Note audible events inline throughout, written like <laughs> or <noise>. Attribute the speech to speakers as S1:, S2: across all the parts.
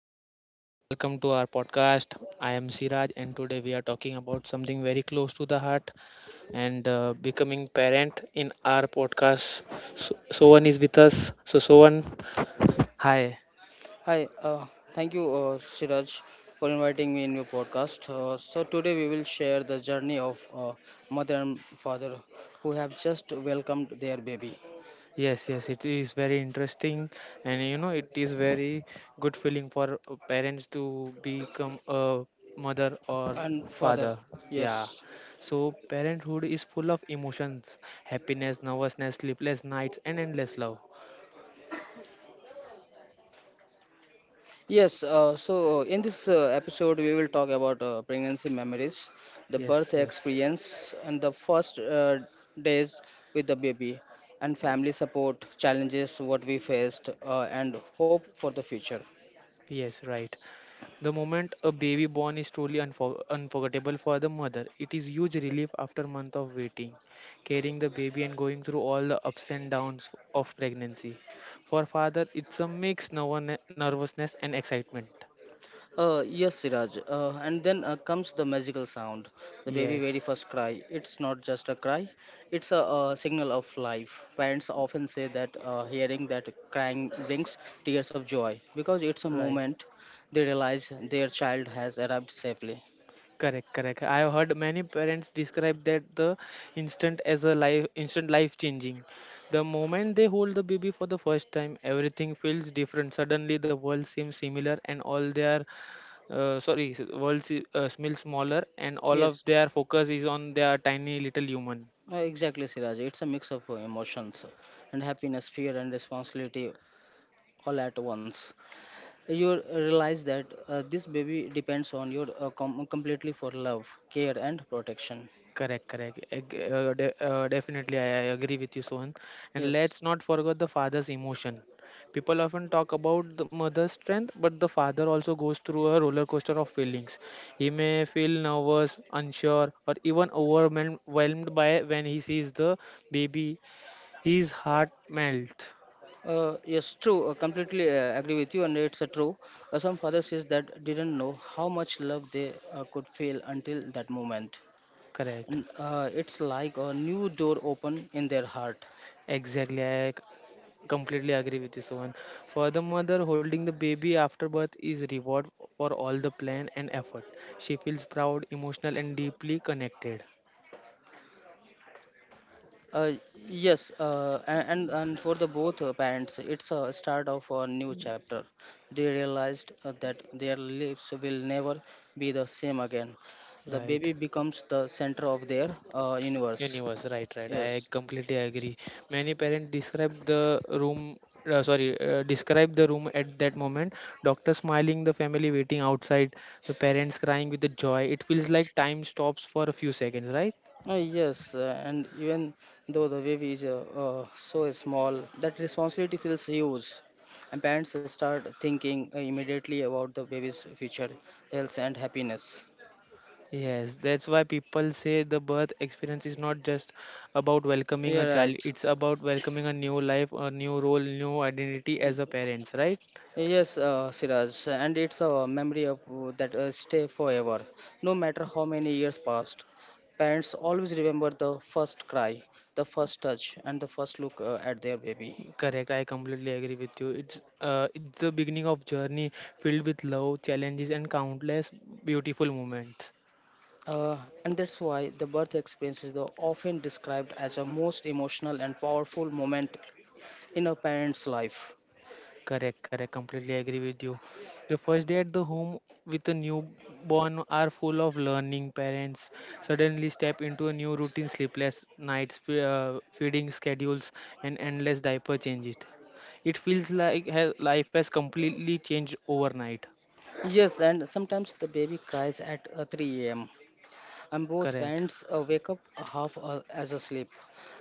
S1: Hello, friends, welcome to our podcast. I am Siraj, and today we are talking about something very close to the heart and becoming parent in our podcast. So, Sohan is with us. So, Sohan, hi.
S2: Hi, thank you, Siraj, for inviting me in your podcast. So today we will share the journey of mother and father who have just welcomed their baby
S1: Yes, yes, it is very interesting, and you know, it is very good feeling for parents to become a mother or
S2: and father.
S1: father. Yeah.
S2: Yes,
S1: So, parenthood is full of emotions happiness, nervousness, sleepless nights, and endless love.
S2: yes. In this episode, we will talk about pregnancy memories, the birth
S1: Yes, yes,
S2: experience, and the first days with the baby, and
S1: y-
S2: family support challenges what we faced, and hope for the future.
S1: yes, right. The moment a baby born is truly unforgettable for the mother. It is huge relief after month of waiting, carrying the baby and going through all the ups and downs of pregnancy. For father, it's a mix nervousness and excitement.
S2: Yes, Siraj. And then comes the magical sound, the baby very
S1: Yes,
S2: first cry. It's not just a cry; it's a signal of life. Parents often say that hearing that crying brings tears of joy because it's a
S1: right.
S2: moment they realize their child has arrived safely.
S1: Correct, correct. I have heard many parents describe that the instant as a life changing. The moment they hold the baby for the first time, everything feels different. Suddenly, the world seems similar, and all their sorry, s- world se- smells smaller, and all of
S2: Yes,
S1: their focus is on their tiny little human.
S2: exactly, Siraj. It's a mix of emotions and happiness, fear, and responsibility all at once. You realize that this baby depends on your completely for love, care, and protection.
S1: Correct, correct. Definitely, I agree with you, Sohan. And let's
S2: Yes,
S1: not forget the father's emotion. People often talk about the mother's strength, but the father also goes through a roller coaster of feelings. He may feel nervous, unsure, or even overwhelmed by when he sees the baby. His heart melts.
S2: yes, true. Completely agree with you, and it's true. Some father says that didn't know how much love they could feel until that moment.
S1: Correct.
S2: It's like a new door open in their heart.
S1: Exactly, I Completely agree with you, Sohan. For the mother, holding the baby after birth is reward for all the plan and effort. She feels proud, emotional, and deeply connected.
S2: Uh, yes, and for the both parents, it's a start of a new chapter. They realized that their lives will never be the same again. The
S1: Right.
S2: baby becomes the center of their universe.
S1: Universe. Right. Right. I
S2: Yes.
S1: completely agree. Many parents describe the room. Describe the room at that moment. Doctor smiling, the family waiting outside, the parents crying with the joy. It feels like time stops for a few seconds, right?
S2: Yes, and even though the baby is so small, that responsibility feels huge, and parents start thinking immediately about the baby's future health and happiness.
S1: Yes, that's why people say the birth experience is not just about welcoming a
S2: Yeah,
S1: child,
S2: right.
S1: it's about welcoming a new life, a new role, new identity as a parents, right?
S2: Yes, Siraj, and it's a memory of that stay forever, no matter how many years passed. Parents always remember the first cry, the first touch, and the first look at their baby.
S1: Correct, I completely agree with you. It's the beginning of journey filled with love, challenges and countless beautiful moments.
S2: Uh, and that's why the birth experience is often described as a most emotional and powerful moment in a parent's life.
S1: Correct, correct. Completely agree with you. The first day at the home with a newborn are full of learning. Parents suddenly step into a new routine, sleepless nights, feeding schedules, and endless diaper changes. It feels like life has completely changed overnight.
S2: Yes, and sometimes the baby cries at 3 a.m. And both
S1: Correct,
S2: parents wake up half as asleep,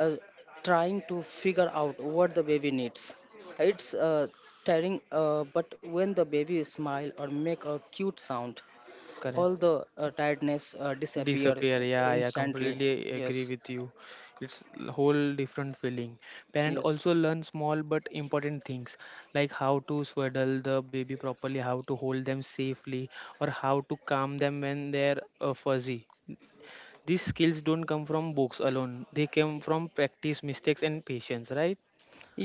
S2: uh, trying to figure out what the baby needs. It's tiring, but when the baby smile or make a cute sound, all
S1: correct.
S2: the tiredness disappear
S1: Disappear, yeah, yeah,
S2: instantly.
S1: completely agree
S2: Yes,
S1: with you. Whole different feeling. Parent
S2: yes.
S1: also learn small but important things like how to swaddle the baby properly, how to hold them safely, or how to calm them when they're fuzzy. These skills don't come from books alone. They come from practice, mistakes, and patience, right?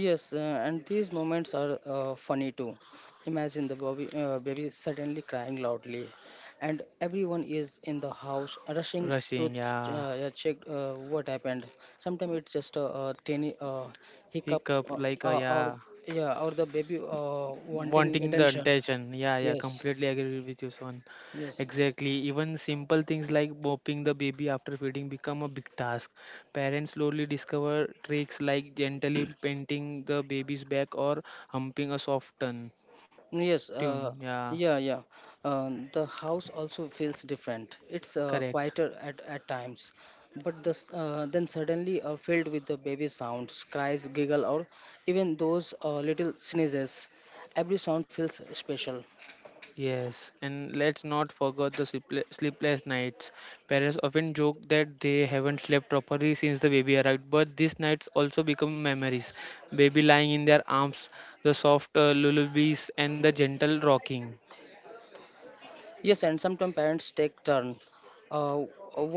S2: Yes, and these moments are funny too. Imagine the baby suddenly crying loudly, and everyone is in the house rushing to
S1: Rushing, yeah.
S2: yeah, check what happened. Sometimes it's just a tiny hiccup,
S1: Hiccup,
S2: uh,
S1: like,
S2: or
S1: yeah.
S2: yeah, or the baby wanting
S1: Wanting the
S2: attention.
S1: attention. Yeah, yeah,
S2: Yes,
S1: completely agree with you, Son.
S2: yes.
S1: Exactly. Even simple things like bopping the baby after feeding become a big task. Parents slowly discover tricks like gently painting the baby's back or humping a soft tone.
S2: Yes,
S1: Tune. Yeah,
S2: yeah, yeah. The house also feels different. It's
S1: correct.
S2: quieter at times, but then suddenly filled with the baby sounds, cries, giggle, or even those little sneezes. Every sound feels special.
S1: Yes, and let's not forget the sleepless nights. Parents often joke that they haven't slept properly since the baby arrived, but these nights also become memories. Baby lying in their arms, the soft lullabies, and the gentle rocking.
S2: Yes, and sometimes parents take turn. Uh,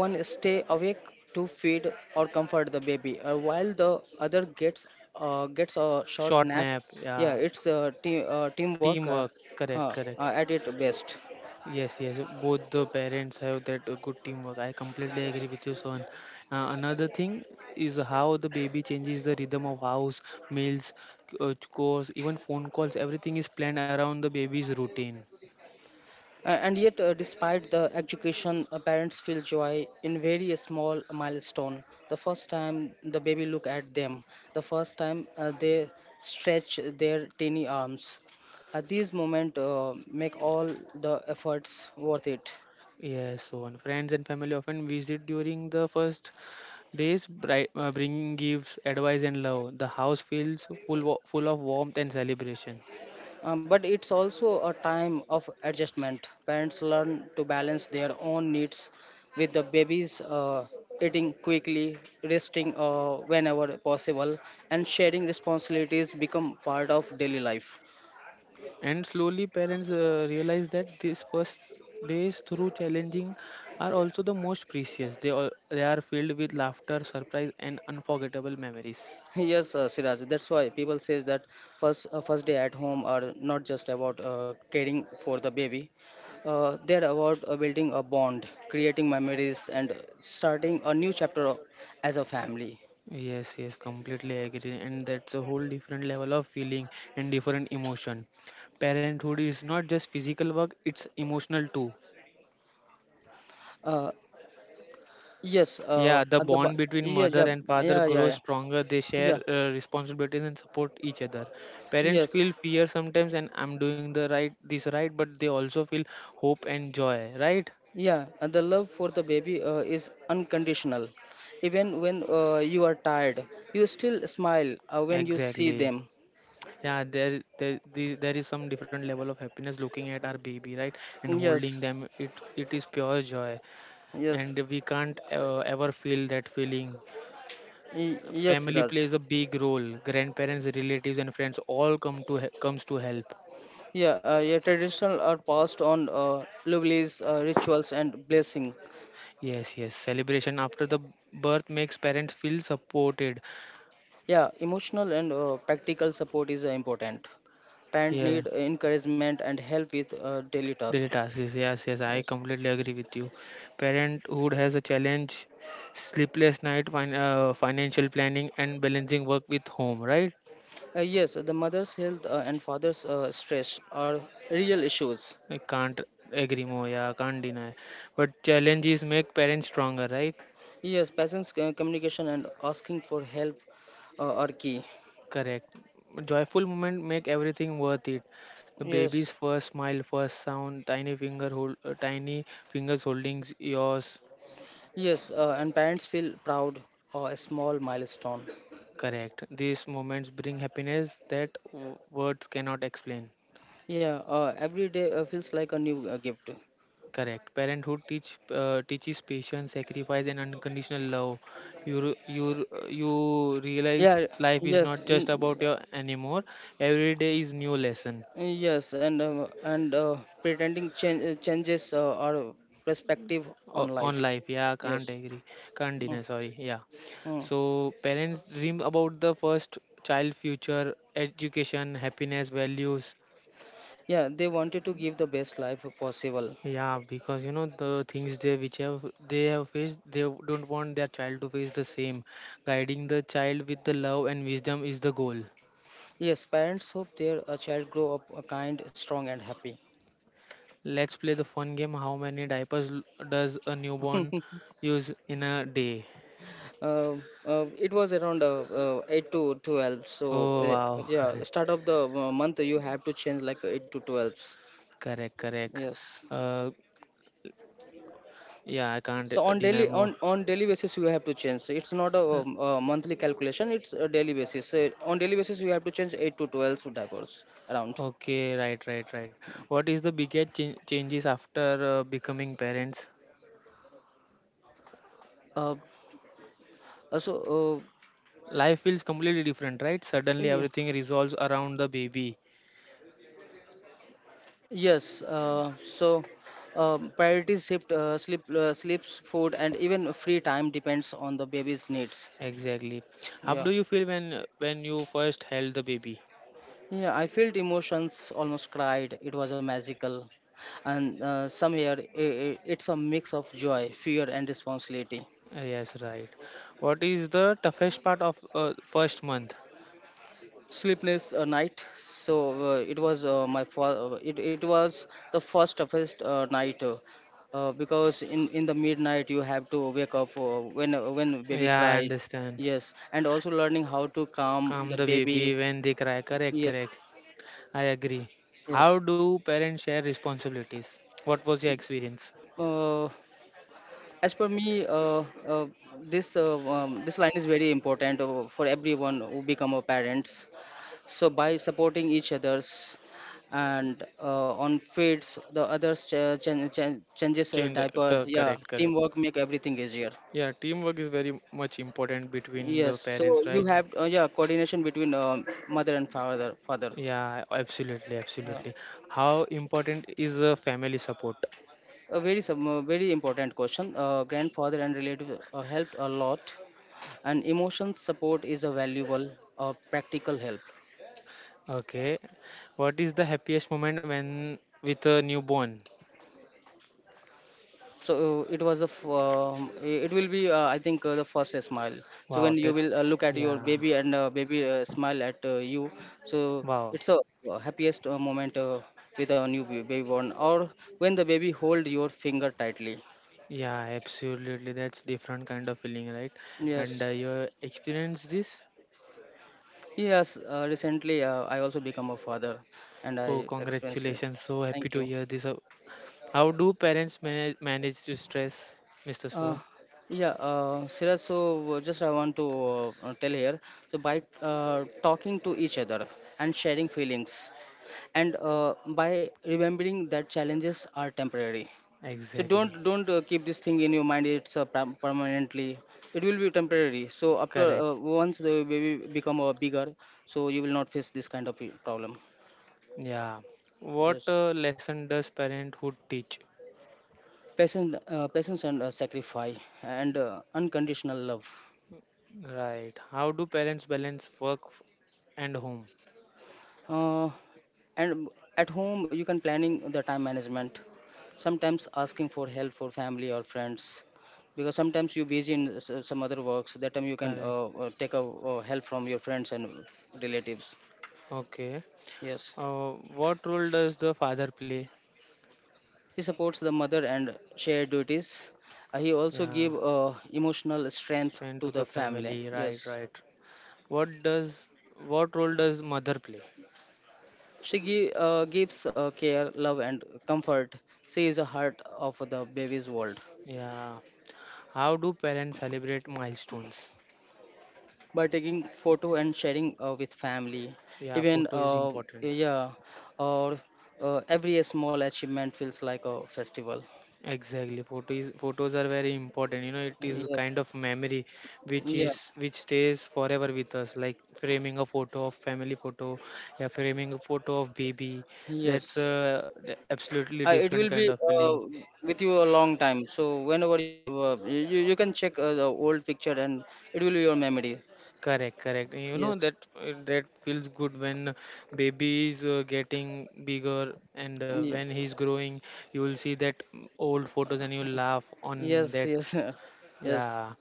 S2: One stay awake to feed or comfort the baby, while the other gets a short
S1: Short
S2: nap.
S1: nap,
S2: Yeah,
S1: yeah.
S2: it's teamwork
S1: Teamwork, correct, correct.
S2: at its best.
S1: Yes, yes, both the parents have that good teamwork. I completely agree with you, son. Another thing is how the baby changes the rhythm of house, meals, chores, even phone calls. Everything is planned around the baby's routine.
S2: And yet, despite the education, parents feel joy in very small milestone. The first time the baby look at them, the first time they stretch their tiny arms. At these moment, make all the efforts worth it.
S1: Yes, so on. Friends and family often visit during the first days, bringing gifts, advice, and love. The house feels full, full of warmth and celebration.
S2: But it's also a time of adjustment. Parents learn to balance their own needs with the babies eating quickly, resting whenever possible, and sharing responsibilities become part of daily life.
S1: And slowly, parents realize that these first days, through challenging, are also the most precious. They are filled with laughter, surprise, and unforgettable memories.
S2: Yes, Siraj. That's why people says that first day at home are not just about caring for the baby. They're about building a bond, creating memories, and starting a new chapter of, as a family.
S1: Yes, yes, completely agree. And that's a whole different level of feeling and different emotion. Parenthood is not just physical work, it's emotional too.
S2: Uh, Yes,
S1: Yeah, the bond between
S2: yeah,
S1: mother
S2: yeah,
S1: and father
S2: yeah, yeah,
S1: grows
S2: yeah,
S1: stronger. They share
S2: yeah,
S1: responsibilities and support each other. Parents
S2: yes,
S1: feel fear sometimes, and I'm doing the right, this right, but they also feel hope and joy, right?
S2: yeah. And the love for the baby is unconditional. Even when you are tired, you still smile when you see
S1: Exactly.
S2: them.
S1: Yeah, there is some different level of happiness looking at our baby, right, and
S2: Yes,
S1: holding them. It is pure joy,
S2: yes,
S1: and we can't ever feel that feeling.
S2: yes,
S1: Family
S2: Siraj.
S1: plays a big role. Grandparents, relatives, and friends all come to comes to help.
S2: Yeah, yeah, traditional are passed on lovelies, rituals, and blessing.
S1: Yes, yes. Celebration after the birth makes parents feel supported.
S2: Yeah, emotional and practical support is important. Parent
S1: Yeah,
S2: need encouragement and help with daily
S1: daily
S2: tasks.
S1: tasks. Yes, yes, yes, I
S2: Yes.
S1: completely agree with you. Parenthood has a challenge, sleepless night, financial planning, and balancing work with home. Right?
S2: Yes, the mother's health and father's stress are real issues.
S1: I can't agree more. Yeah, can't deny. But challenges make parents stronger. Right?
S2: Yes, patients' communication and asking for help are key.
S1: Correct. Joyful moment make everything worth it. The
S2: Yes,
S1: baby's first smile, first sound, tiny finger hold, tiny fingers holding yours.
S2: yes, and parents feel proud or a small milestone.
S1: Correct. These moments bring happiness that words cannot explain.
S2: Yeah, every day feels like a new gift.
S1: Correct. Parenthood teaches patience, sacrifice, and unconditional love. You realize
S2: Yeah,
S1: life is
S2: yes,
S1: not just about your anymore. Every day is new lesson
S2: yes, and pretending changes our perspective on
S1: on
S2: life.
S1: life. Yeah, can't
S2: Yes.
S1: agree. Can't deny.
S2: Mm,
S1: Sorry. Yeah.
S2: mm.
S1: So parents dream about the first child future, education, happiness, values.
S2: Yeah, they wanted to give the best life possible.
S1: Yeah, because you know the things they have faced, they don't want their child to face the same. Guiding the child with the love and wisdom is the goal.
S2: Yes, parents hope their child grow up kind, strong, and happy.
S1: Let's play the fun game. How many diapers does a newborn use in a day?
S2: It was around 8 to 12. So,
S1: Oh wow,
S2: yeah, start of the month, you have to change like 8 to 12.
S1: <laughs> correct, correct.
S2: Yes.
S1: Uh, yeah, I can't
S2: So on
S1: deny
S2: daily
S1: more.
S2: on on daily basis you have to change. So it's not a,
S1: Uh,
S2: um, a monthly calculation. It's a daily basis. So on daily basis you have to change 8 to 12 diapers around.
S1: Okay, right, right, right. What is the biggest ch changes after becoming parents?
S2: Uh, so,
S1: Life feels completely different, right? Suddenly
S2: yeah.
S1: everything resolves around the baby.
S2: Yes, so priorities shift, sleep, sleeps, food, and even free time depends on the baby's needs.
S1: Exactly. How
S2: Yeah,
S1: do you feel when you first held the baby?
S2: yeah. I felt emotions, almost cried. It was a magical, and somewhere it's a mix of joy, fear, and responsibility.
S1: Yes, right. What is the toughest part of first month?
S2: Sleepless night. So it was the first toughest night because in the midnight you have to wake up when baby
S1: Yeah, I
S2: cry.
S1: understand.
S2: Yes, and also learning how to calm
S1: Calm
S2: the
S1: the
S2: baby.
S1: baby when they cry. Correct,
S2: Yes,
S1: correct. I agree. How
S2: yes,
S1: do parents share responsibilities? What was your experience?
S2: uh, as per me this line is very important for everyone who become a parents. So by supporting each others and on feeds, the others changes a diaper. Yeah,
S1: Correct, correct.
S2: teamwork make everything easier.
S1: Yeah, teamwork is very much important between the
S2: Yes.
S1: parents,
S2: So you
S1: right?
S2: have yeah, coordination between mother and father. Father.
S1: Yeah, absolutely, absolutely. How important is family support?
S2: A very important question. Grandfather and relatives helped a lot, and emotion support is a valuable practical help.
S1: Okay. What is the happiest moment when with a newborn?
S2: It was it will be I think the first smile. So
S1: Wow,
S2: when you
S1: that
S2: will look at your
S1: Yeah.
S2: baby and baby smile at you. So
S1: Wow.
S2: it's a happiest moment with our new baby born, or when the baby hold your finger tightly.
S1: Yeah, absolutely. That's different kind of feeling, right? And
S2: Yes,
S1: you experience this?
S2: yes, recently I also become a father and
S1: Oh,
S2: I experienced this.
S1: congratulations. So happy
S2: Thank
S1: to
S2: you.
S1: hear this. How do parents manage to stress, Mr.
S2: Uh,
S1: Sohan?
S2: yeah, Siraj, so just I want to tell here. So by talking to each other and sharing feelings, and by remembering that challenges are temporary. So
S1: Exactly.
S2: don't keep this thing in your mind. It's permanently. It will be temporary. So after
S1: Correct.
S2: once the baby become bigger, so you will not face this kind of problem.
S1: Yeah. What
S2: Yes,
S1: lesson does parenthood teach?
S2: patience and sacrifice and unconditional love.
S1: Right. How do parents balance and home?
S2: Uh, and at home you can planning the time management. Sometimes asking for help for family or friends because sometimes you're busy in some other works. That time you can
S1: Correct.
S2: take a help from your friends and relatives.
S1: Okay.
S2: Yes.
S1: What role does the father play?
S2: He supports the mother and shared duties. He also
S1: Yeah,
S2: give emotional strength
S1: strength
S2: to
S1: to
S2: the
S1: the
S2: family.
S1: family.
S2: Yes.
S1: Right, right. What does what role does mother play?
S2: She gives care, love, and comfort. She is the heart of the baby's world.
S1: Yeah. How do parents celebrate milestones?
S2: By taking photo and sharing with family.
S1: Yeah,
S2: Even
S1: photo is important.
S2: yeah, or every small achievement feels like a festival.
S1: Exactly. Photos are very important. You know, it is
S2: Yeah,
S1: kind of memory which
S2: yeah,
S1: is which stays forever with us. Like framing a photo of family photo, yeah, framing a photo of baby. That's
S2: yes,
S1: a absolutely
S2: it
S1: different
S2: will be
S1: kind of feeling.
S2: with you a long time. So whenever you can check the old picture, and it will be your memory.
S1: Correct, correct. You know
S2: Yes,
S1: that that feels good when baby is getting bigger and
S2: yeah.
S1: when he's growing, you will see that old photos and you'll laugh on
S2: Yes,
S1: that.
S2: yes. <laughs> Yes.
S1: Yeah.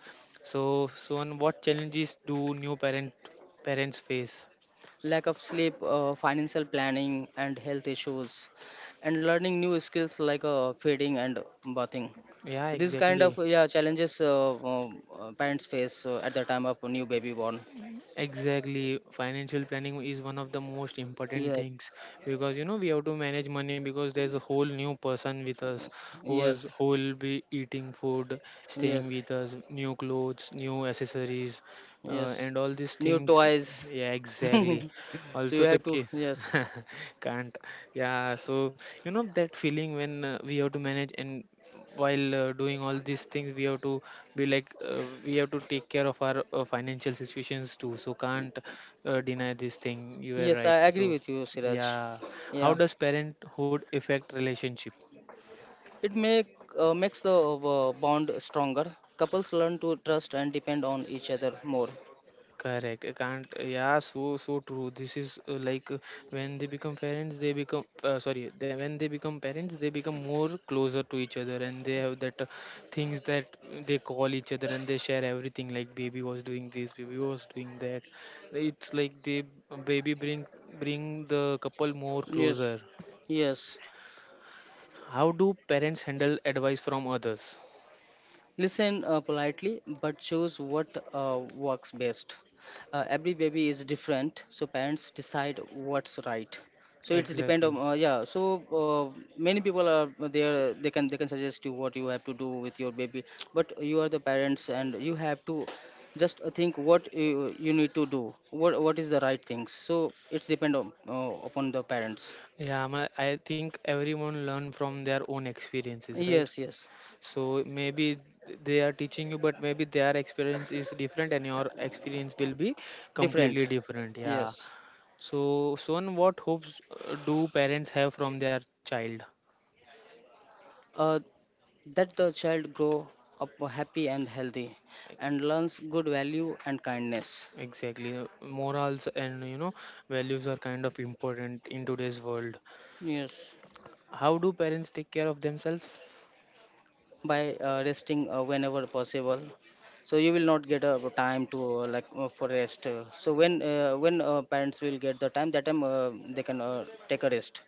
S1: So, so, and what challenges do new parent parents face?
S2: Lack of sleep, financial planning, and health issues, and learning new skills like feeding and bathing.
S1: Yeah,
S2: These kind
S1: exactly.
S2: of yeah challenges parents face at the time of a new baby born.
S1: Exactly. Financial planning is one of the most important
S2: Yes,
S1: things because you know we have to manage money because there's a whole new person with us
S2: yes,
S1: who will be eating food, staying
S2: yes,
S1: with us, new clothes, new accessories,
S2: yes.
S1: and all these
S2: New
S1: things.
S2: toys.
S1: Yeah,
S2: <laughs>
S1: exactly
S2: So you
S1: also the
S2: have to.
S1: kid
S2: Yes,
S1: <laughs> can't yeah so you know that feeling when we have to manage and while doing all these things we have to be like we have to take care of our financial situations too, so can't deny this thing, you are
S2: yes. I
S1: right.
S2: agree
S1: So
S2: with you, Siraj.
S1: yeah, how
S2: Yeah,
S1: does parenthood affect relationship?
S2: it makes the bond stronger. Couples learn to trust and depend on each other more.
S1: Correct. I can't. Yeah, so so true. This is when they become parents, they become parents, they become more closer to each other, and they have that things that they call each other and they share everything. Like baby was doing this, baby was doing that. It's like they baby bring bring the couple more
S2: Yes,
S1: closer.
S2: yes.
S1: How do parents handle advice from others?
S2: Listen politely, but choose what works best. Every baby is different, so parents decide what's right. So it's depend on,
S1: Exactly.
S2: yeah. So many people are there. They can suggest you what you have to do with your baby, but you are the parents and you have to just think what you need to do. What is the right things? So it's depend on upon the parents.
S1: Yeah, my, I think everyone learn from their own experiences, right?
S2: Yes, yes,
S1: So maybe they are teaching you, but maybe their experience is different and your experience will be completely
S2: different.
S1: different. Yeah.
S2: Yes.
S1: So, Son, what hopes do parents have from their child?
S2: Uh, that the child grow up happy and healthy and learns good value and kindness.
S1: Exactly. Morals and you know values are kind of important in today's world.
S2: Yes,
S1: How do parents take care of themselves?
S2: by resting whenever possible. So you will not get a time to like for rest. So when parents will get the time, that time they can take a rest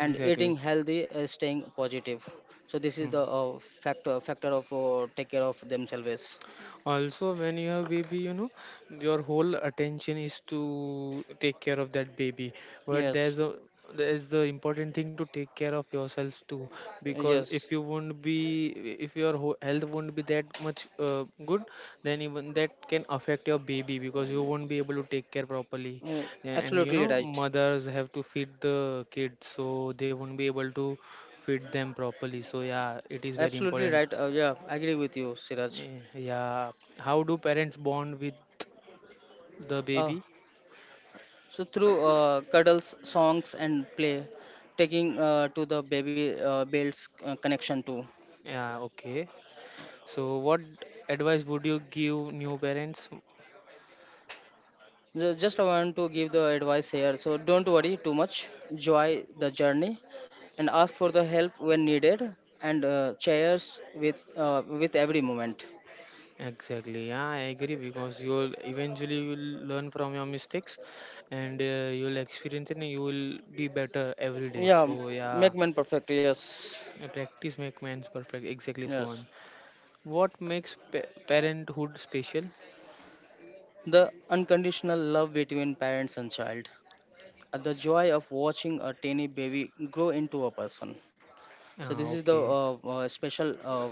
S2: and eating healthy, staying positive. So this is
S1: Hmm.
S2: the factor of take care of themselves.
S1: Also when you have baby you know your whole attention is to take care of that baby, but
S2: Yes,
S1: there's a, there's the important thing to take care of yourselves too, because
S2: yes,
S1: if you won't be, if your whole health won't be that much good, then even that can affect your baby because you won't be able to take care properly,
S2: uh,
S1: and you
S2: absolutely
S1: know
S2: right.
S1: mothers have to feed the kids so they won't be able to feed them properly. So yeah, it is very
S2: Absolutely
S1: important.
S2: right. Yeah, I agree with you, Siraj.
S1: Eh, yeah. How do parents bond with the
S2: Uh,
S1: baby?
S2: so through cuddles, songs, and play, taking to the baby builds connection too.
S1: Yeah, okay. So, what advice would you give new parents?
S2: Just I want to give the advice here. So don't worry too much. Enjoy the journey, and ask for the help when needed. And chairs with every moment.
S1: Exactly. Yeah, I agree because you'll eventually you'll learn from your mistakes, and you'll experience it, and you will be better every day.
S2: Yeah,
S1: So, yeah,
S2: make men perfect. Yes,
S1: practice make man's perfect. Exactly so
S2: yes.
S1: on. What makes pa parenthood special?
S2: The unconditional love between parents and child. The joy of watching a tiny baby grow into a person. So
S1: Ah,
S2: this is the
S1: okay.
S2: special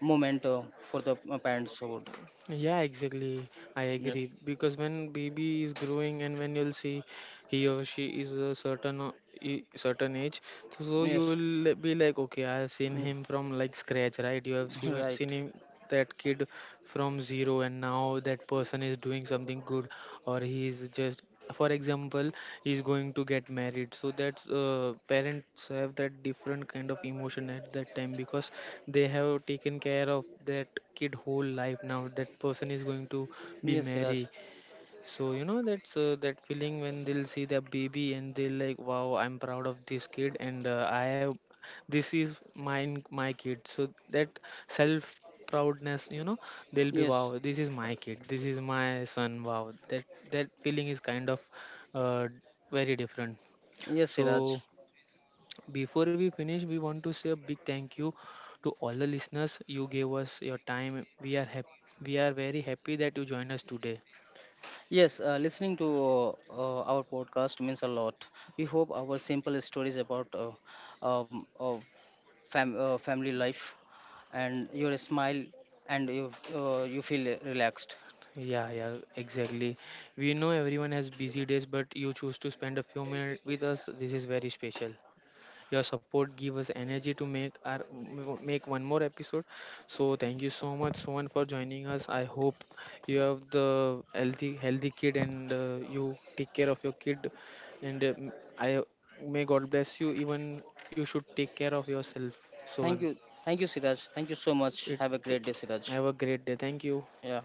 S2: moment for the parenthood.
S1: Yeah, exactly. I
S2: Yes,
S1: agree because when baby is growing and when you'll see he or she is a certain certain age, so you
S2: yes.
S1: will be like, okay, I have seen
S2: Mm.
S1: him from like scratch, right? You have
S2: <laughs>
S1: seen,
S2: Right.
S1: seen him, that kid from zero, and now that person is doing something good or he is just, for example, he's going to get married. So that's parents have that different kind of emotion at that time because they have taken care of that kid whole life, now that person is going to be
S2: Yes, Siraj.
S1: married. So you know that's that feeling when they'll see their baby and they'll like, wow, I'm proud of this kid and I have, this is mine, my kid. So that self proudness, you know, they'll be
S2: Yes,
S1: wow, this is my kid, this is my son. Wow, that that feeling is kind of uh, very different.
S2: yes,
S1: So
S2: Siraj.
S1: before we finish, we want to say a big thank you to all the listeners. You gave us your time. We are happy. We are very happy that you joined us today.
S2: Yes, listening to our podcast means a lot. We hope our simple stories about um, uh, family life, and your smile, and you feel relaxed.
S1: Yeah, yeah, exactly. We know everyone has busy days, but you choose to spend a few minutes with us. This is very special. Your support give us energy to make our make one more episode. So thank you so much, Sohan, for joining us. I hope you have the healthy kid and you take care of your kid. And m- I may God bless you. Even you should take care of yourself,
S2: Thank
S1: Sohan.
S2: you. Thank you, Siraj. Thank you so much.
S1: It,
S2: Have a great
S1: it
S2: day, Siraj.
S1: Have a great day. Thank you.
S2: Yeah.